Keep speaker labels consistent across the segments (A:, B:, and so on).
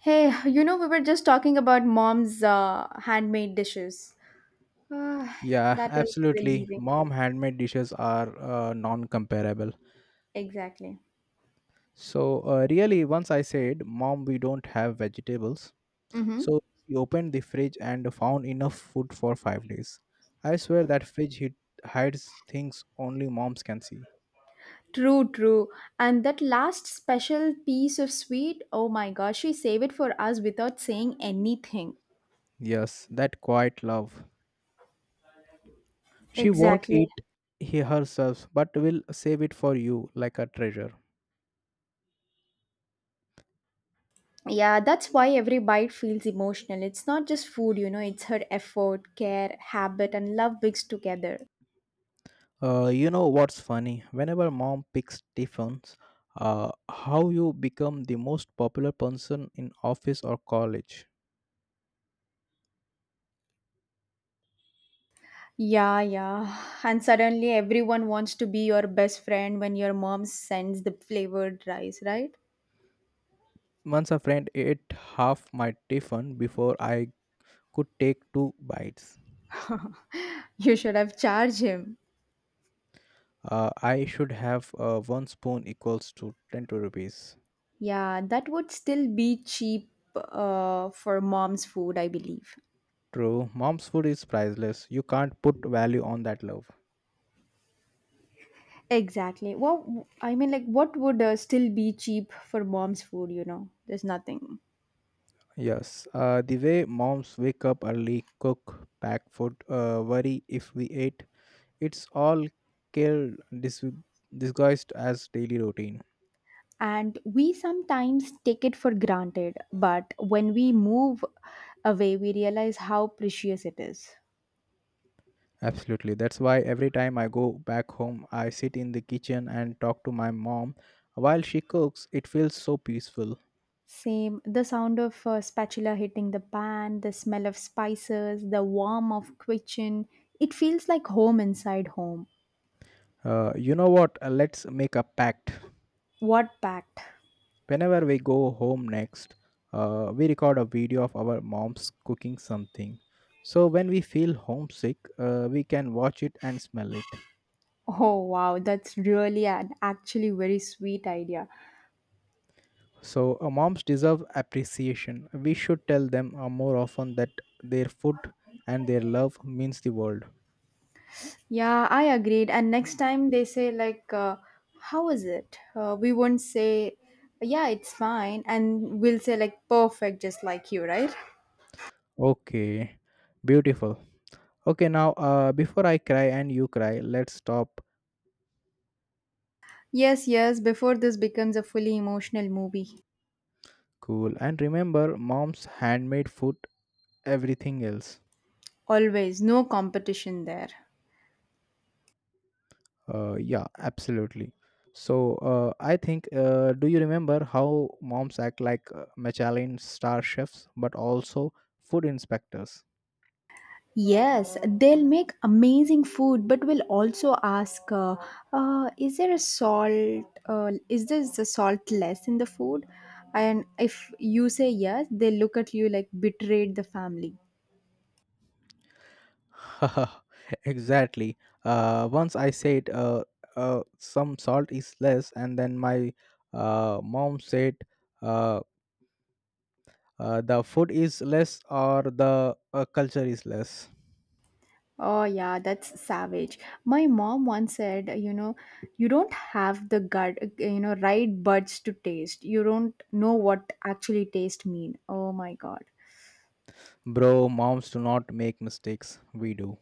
A: Hey, you know, we were just talking about mom's handmade dishes. Ah,
B: Yeah,
A: that is
B: absolutely.
A: relieving.
B: Mom handmade dishes are non-comparable.
A: Exactly.
B: So really, once I said, "Mom, we don't have vegetables,"
A: Mm-hmm.
B: so she opened the fridge and found enough food for 5 days. I swear that hides things only moms can see.
A: True, true. And that last special piece of sweet, oh my gosh, she saved it for us without saying anything.
B: Yes, that quiet love. She won't
A: Exactly.
B: eat he herself, but will save it for you like a treasure.
A: Yeah, that's why every bite feels emotional. It's not just food, it's her effort, care, habit, and love mixed together.
B: You know what's funny? Whenever mom picks Stephens, how you become the most popular person in office or college.
A: Yeah, yeah. And suddenly everyone wants to be your best friend when your mom sends the flavored rice, right?
B: Once a friend ate half my Tiffin before I could take two bites.
A: You should have charged him.
B: I should have one spoon equals to 20 rupees.
A: Yeah, that would still be cheap for mom's food, I believe.
B: True, mom's food is priceless. You can't put value on that love.
A: Exactly. Well, I mean, like, what would still be cheap for mom's food? There's nothing.
B: Yes, the way moms wake up early, cook, pack food, worry if we ate, it's all care dis- disguised as daily routine.
A: And we sometimes take it for granted, but when we move away, we realize how precious it is.
B: Absolutely, that's why every time I go back home I sit in the kitchen and talk to my mom while she cooks. It feels so peaceful.
A: Same. The sound of a spatula hitting the pan, the smell of spices, the warmth of kitchen. It feels like home inside home.
B: You know what? Let's make a pact.
A: What packed?
B: Whenever we go home next, we record a video of our moms cooking something, so when we feel homesick we can watch it and smell it.
A: Oh wow, that's really an actually very sweet idea.
B: So, moms deserve appreciation. We should tell them more often that their food and their love means the world.
A: Yeah, I agreed. And next time they say like, how is it? We won't say, yeah, it's fine, and we'll say like perfect, just like you, right?
B: Okay, beautiful. Okay, now before I cry and you cry, let's stop,
A: Yes, yes. Before this becomes a fully emotional movie,
B: cool, and remember mom's handmade food, everything else.
A: always no competition there.
B: Yeah, absolutely. So, I think do you remember how moms act like Michelin star chefs but also food inspectors?
A: Yes, they'll make amazing food, but we'll also ask, is there a salt? Is this the salt less in the food? And if you say yes, they look at you like betrayed the family.
B: Exactly. Once I said, some salt is less, and then my mom said, uh, the food is less or the culture is less.
A: Oh yeah, that's savage. My mom once said, you know, you don't have the gut, you know, right buds to taste. You don't know what actually taste mean. Oh my god.
B: Bro, moms do not make mistakes. We do.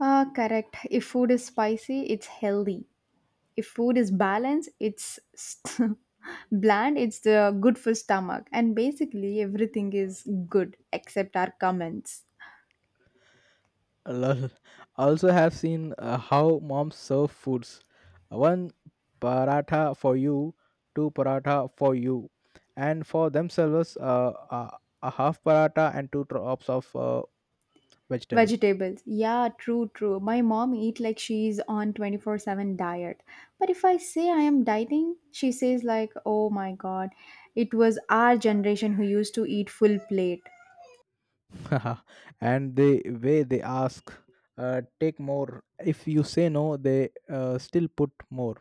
A: Ah, correct. If food is spicy, it's healthy, if food is balanced bland, it's the good for stomach, and basically everything is good except our comments.
B: Lol. Also, have seen how moms serve foods. One paratha for you, two paratha for you, and for themselves, a half paratha and two drops of vegetable.
A: Vegetables, yeah, true, true. My mom eat like she's on 24/7 diet, but if I say I am dieting she says like, oh my god, it was our generation who used to eat full plate.
B: And the way they ask, take more. If you say no they still put more.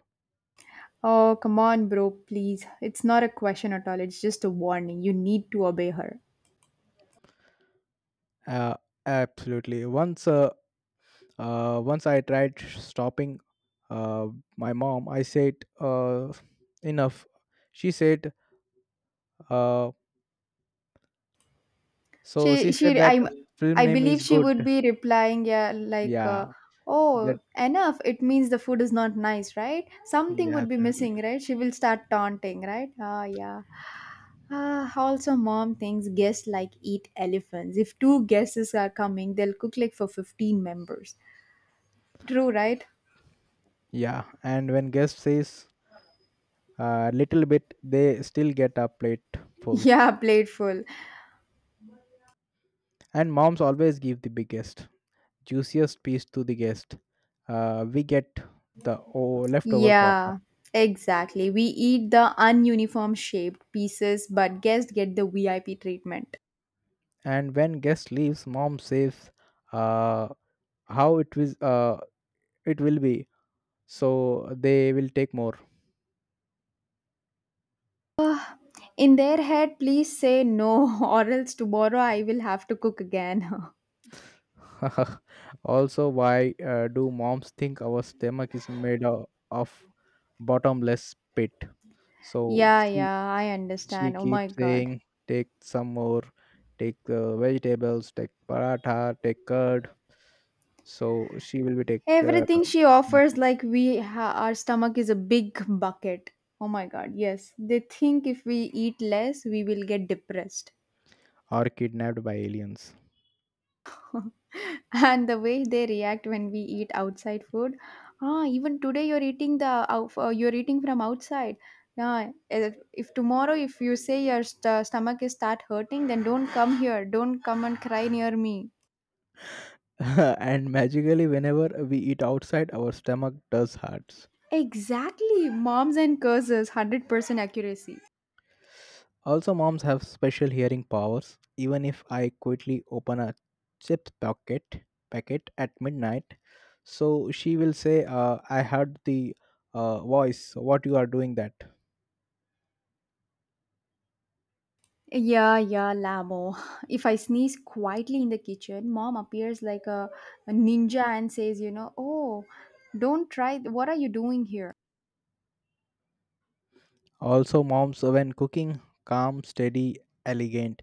A: Oh come on bro, please, it's not a question at all, it's just a warning, you need to obey her.
B: uh, Absolutely. Once once I tried stopping uh, my mom, I said, uh, enough. She said, uh, so she
A: She
B: said
A: she
B: that
A: I
B: film
A: I
B: name is
A: believe she
B: good.
A: would be replying, yeah, like,
B: Yeah, that,
A: oh enough, it means the food is not nice, right? Something
B: yeah,
A: would be
B: absolutely.
A: missing, right? She will start taunting, right? Ah, yeah. Ah, also mom thinks guests like eat elephants. If two guests are coming they'll cook like for 15 members, true, right?
B: Yeah, and when guest says a little bit they still get a plate full
A: Yeah, plateful.
B: and moms always give the biggest, juiciest piece to the guest. We get the leftover corner,
A: Yeah, exactly, we eat the ununiform shaped pieces but guests get the VIP treatment.
B: and when guest leaves, mom says, uh, "How it was, it will be." So they will take more.
A: In their head, please say no, or else tomorrow I will have to cook again.
B: Also, why do moms think our stomach is made of bottomless pit? So
A: Yeah, yeah, I
B: she
A: understand. Oh my
B: keeps
A: god.
B: saying, "Take some more, take vegetables, take paratha, take curd." So she will be take
A: Everything she offers, like our stomach is a big bucket. Oh my god, yes. They think if we eat less, we will get depressed.
B: or kidnapped by aliens.
A: And the way they react when we eat outside food, ah, even today you're eating the you're eating from outside. Yeah, if tomorrow if you say your stomach is start hurting, then don't come here, don't come and cry near me.
B: And magically, whenever we eat outside, our stomach does hurts.
A: Exactly, moms and curses, 100% accuracy.
B: Also, moms have special hearing powers. Even if I quickly open a chips packet packet at midnight, so she will say, "I heard the voice. What you are doing that?"
A: Yeah, yeah, lamo. If I sneeze quietly in the kitchen mom appears like a ninja and says, you know, oh don't try, what are you doing here?
B: Also, moms when cooking, calm, steady, elegant.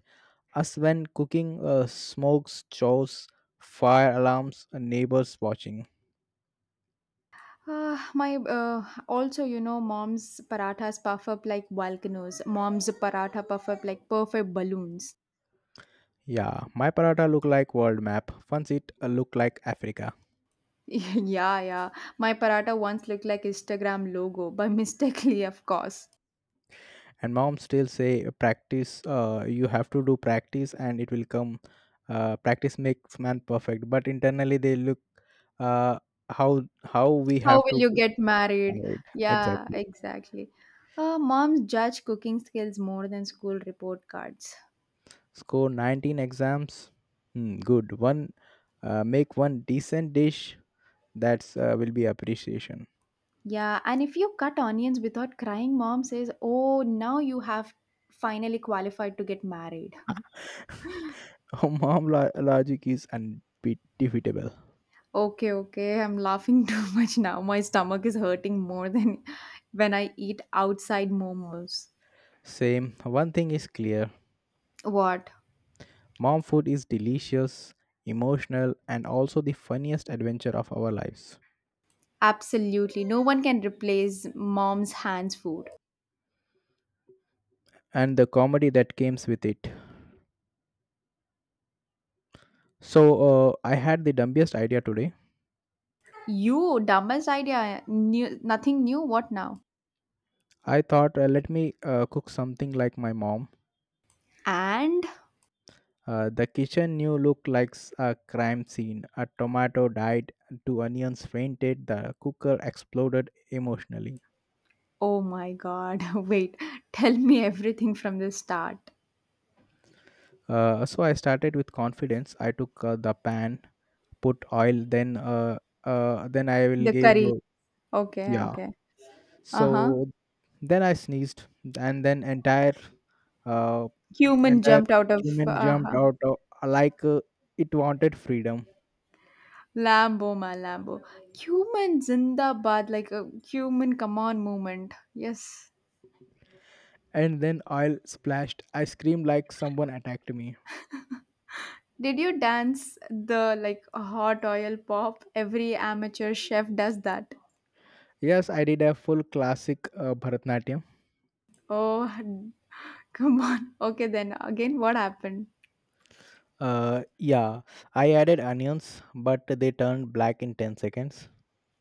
B: Us when cooking, smokes, chores, fire alarms, and neighbors watching.
A: My Also, you know, mom's parathas puff up like volcanoes. Mom's paratha puff up like perfect balloons.
B: Yeah, my paratha look like world map. Fun seat look like Africa.
A: Yeah, yeah. My paratha once looked like Instagram logo, but mistakenly, of course.
B: And mom still say practice, you have to do practice and it will come. Practice makes man perfect, but internally they look, uh, how we
A: How
B: have
A: will
B: to
A: you
B: do.
A: get married?
B: Right,
A: Yeah,
B: exactly.
A: exactly. Moms judge cooking skills more than school report cards.
B: Score 19 exams, hmm, good one. Make one decent dish, that's will be appreciation.
A: Yeah, and if you cut onions without crying, mom says, "Oh, now you have finally qualified to get married."
B: Oh, mom logic is unbeatable.
A: Okay, okay. I'm laughing too much now. My stomach is hurting more than when I eat outside momos.
B: Same. One thing is clear.
A: What?
B: Mom food is delicious, emotional, and also the funniest adventure of our lives,
A: Absolutely. No one can replace mom's hands food.
B: and the comedy that comes with it. So, I had the dumbest idea today.
A: You, dumbest idea. New, nothing new. What now?
B: I thought, let me cook something like my mom.
A: And
B: The kitchen new looked like a crime scene. A tomato died, two onions fainted, the cooker exploded emotionally.
A: oh my god. Wait. Tell me everything from the start.
B: So I started with confidence. I took the pan, put oil, then I will
A: The
B: give
A: curry. Okay,
B: yeah.
A: okay. Uh-huh.
B: So then I sneezed, and then entire uh,
A: Cumin
B: entire
A: jumped out of
B: human jumped
A: uh-huh.
B: out of, like it wanted freedom.
A: Lambo, my Lambo. Cuban Zindabad, like a Cuban come on movement. Yes.
B: And then oil splashed. I screamed like someone attacked me.
A: Did you dance the like hot oil pop? Every amateur chef does that.
B: Yes, I did a full classic Bharatnatyam.
A: Oh, come on. Okay, then again, what happened?
B: Yeah, I added onions, but they turned black in 10 seconds.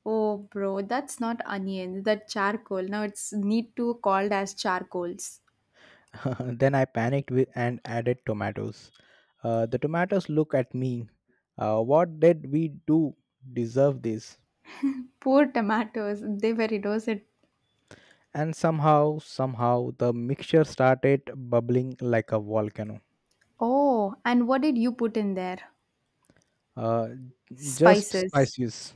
A: Oh, bro, that's not onion, that charcoal. Now it's need to called as charcoals.
B: Then I panicked with and added tomatoes. The tomatoes look at me. What did we do? Deserve this?
A: Poor tomatoes, they were innocent.
B: And somehow the mixture started bubbling like a volcano.
A: Oh, and what did you put in there?
B: uh, just
A: Spices.
B: spices.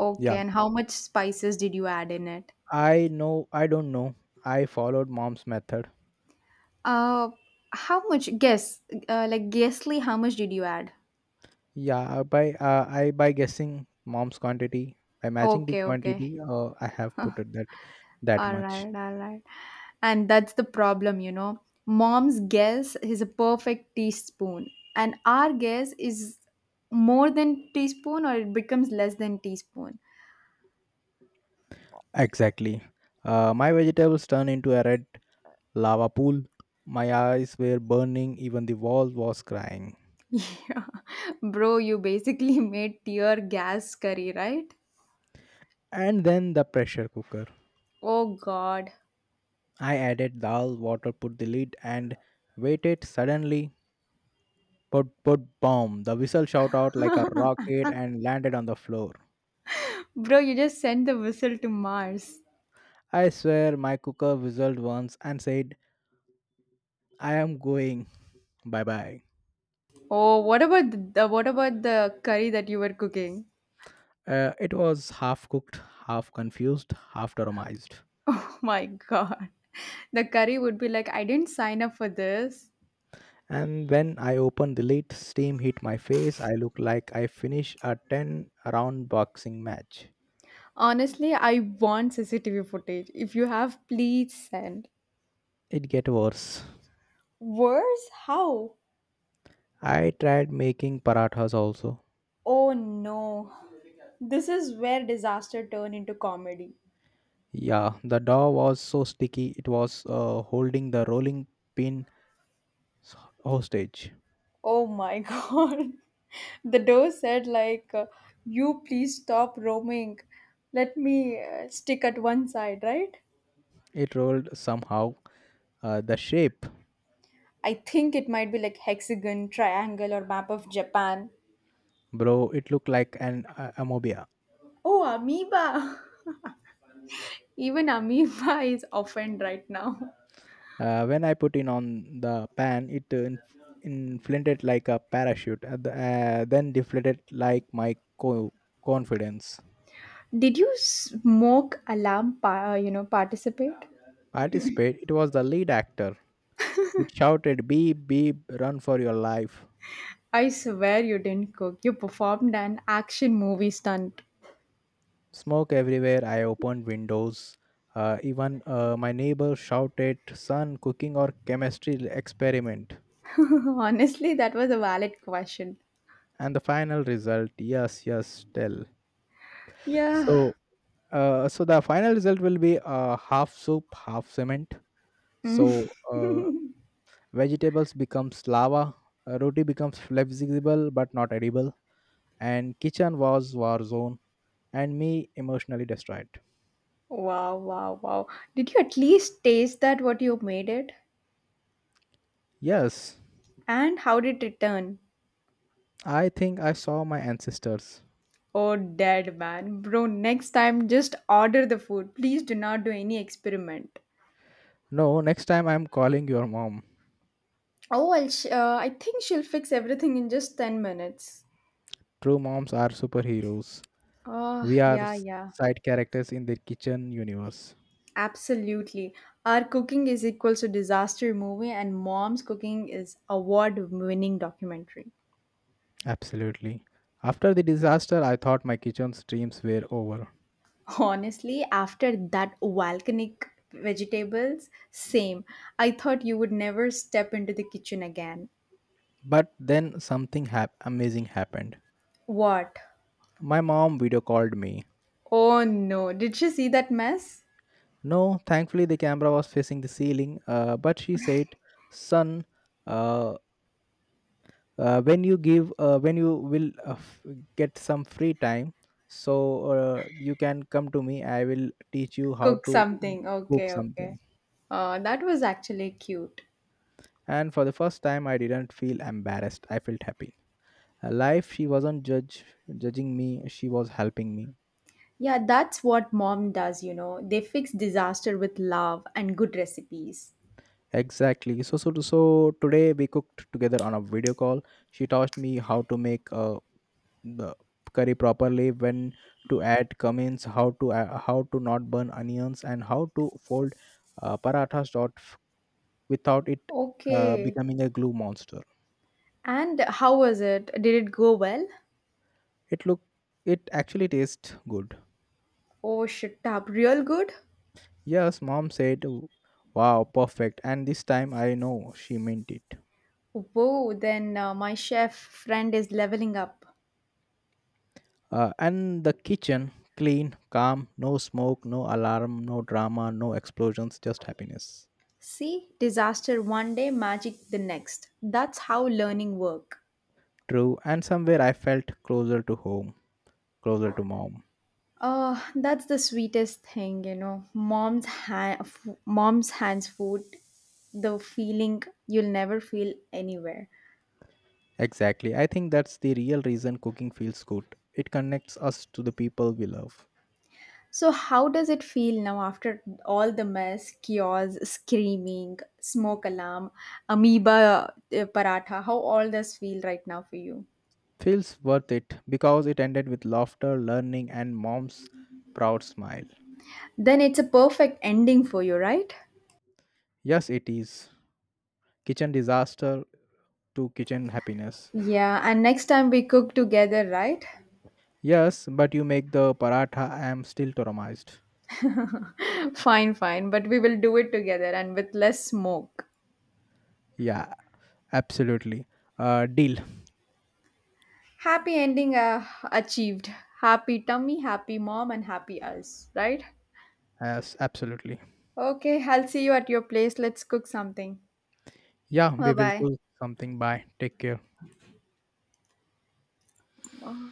A: Okay,
B: Yeah,
A: and how much spices did you add in it?
B: I know, I don't know, I followed mom's method.
A: Uh, how much? Guess, like guessly, how much did you add?
B: Yeah, by I by guessing mom's quantity, by matching the
A: Okay, okay.
B: quantity I have put it that, that
A: All
B: much.
A: right, all right. And that's the problem, you know. Mom's guess is a perfect teaspoon, and our guess is more than teaspoon or it becomes less than teaspoon.
B: Exactly. My vegetables turned into a red lava pool. My eyes were burning, even the wall was crying.
A: Yeah. Bro, you basically made tear gas curry, right?
B: And then the pressure cooker,
A: Oh god.
B: I added dal water, put the lid, and waited. Suddenly, put put bomb! The whistle shot out like a rocket and landed on the floor.
A: Bro, you just sent the whistle to Mars.
B: I swear, my cooker whistled once and said, "I am going, bye bye."
A: Oh, what about the curry that you were cooking?
B: It was half cooked, half confused, half traumatized.
A: Oh my god. The curry would be like, I didn't sign up for this.
B: And when I opened the lid, steam hit my face. I looked like I finished a ten-round boxing match.
A: Honestly, I want CCTV footage. If you have, please send.
B: It get worse.
A: Worse? How?
B: I tried making parathas also.
A: Oh no. This is where disaster turned into comedy.
B: Yeah, the dough was so sticky it was holding the rolling pin s- hostage.
A: Oh my god. The door said like, you please stop roaming. Let me stick at one side, right?
B: It rolled somehow. The shape,
A: I think it might be like hexagon, triangle, or map of Japan.
B: bro, it looked like an amobia.
A: Oh, amoeba. Even amoeba is often right now.
B: When I put in on the pan, it inflated like a parachute, then deflated like my confidence.
A: Did you smoke alarm, you know, participate?
B: Participate, it was the lead actor. It shouted, beep, beep, run for your life.
A: I swear you didn't cook. You performed an action movie stunt.
B: Smoke everywhere. I opened windows. Even my neighbor shouted, son, cooking or chemistry experiment.
A: Honestly, that was a valid question.
B: And the final result, yes, yes, tell.
A: Yeah.
B: So, so the final result will be half soup, half cement. So, uh, vegetables becomes lava, roti becomes flexible but not edible, and kitchen was war zone, and me emotionally destroyed.
A: Wow, wow, wow. Did you at least taste that what you made it?
B: Yes,
A: And how did it turn?
B: I think I saw my ancestors.
A: Oh, dead man. Bro, next time just order the food. Please do not do any experiment.
B: No, next time I'm calling your mom.
A: Oh, I think she'll fix everything in just 10 minutes.
B: True, moms are superheroes.
A: Oh,
B: We are
A: yeah, yeah.
B: side characters in the kitchen universe.
A: Absolutely. Our cooking is equals to disaster movie and mom's cooking is award-winning documentary.
B: Absolutely. After the disaster, I thought my kitchen's dreams were over.
A: Honestly, after that volcanic vegetables, same. I thought you would never step into the kitchen again.
B: But then something amazing happened.
A: What?
B: My mom video called me.
A: Oh no, did she see that mess?
B: No, thankfully the camera was facing the ceiling, but she said, son, uh, when you will get some free time, so you can come to me, I will teach you how
A: Cook
B: to
A: something.
B: cook
A: Okay,
B: something.
A: okay. That was actually cute.
B: And for the first time I didn't feel embarrassed, I felt happy. Life, she wasn't judge judging me, she was helping me.
A: Yeah, that's what mom does, you know. They fix disaster with love and good recipes.
B: Exactly. So today we cooked together on a video call. She taught me how to make a the curry properly, when to add cummins, how to how to not burn onions, and how to fold parathas dot without it
A: Okay.
B: becoming a glue monster.
A: And how was it? Did it go well?
B: It look, it actually tastes good.
A: Oh, shit up. Real good?
B: Yes, mom said, wow, perfect, and this time I know she meant it.
A: Whoa, then my chef friend is leveling up.
B: And the kitchen clean, calm, no smoke, no alarm, no drama, no explosions, just happiness.
A: See, disaster one day, magic the next. That's how learning work.
B: True, and somewhere I felt closer to home, closer to mom.
A: Oh, that's the sweetest thing, you know. Mom's hands food, the feeling you'll never feel anywhere.
B: Exactly. I think that's the real reason cooking feels good. It connects us to the people we love.
A: So how does it feel now after all the mess, chaos, screaming, smoke alarm, amoeba paratha? How all this feel right now for you?
B: Feels worth it because it ended with laughter, learning, and mom's proud smile.
A: Then it's a perfect ending for you, right?
B: Yes, it is. Kitchen disaster to kitchen happiness.
A: Yeah, and next time we cook together, right?
B: Yes, but you make the paratha, I am still traumatized.
A: Fine, fine, but we will do it together and with less smoke.
B: Yeah, absolutely. Deal.
A: Happy ending achieved. Happy tummy, happy mom, and happy us, right?
B: Yes, absolutely.
A: Okay, I'll see you at your place. Let's cook something.
B: Yeah, we will
A: Bye
B: cook something. Bye. Take care.
A: bye.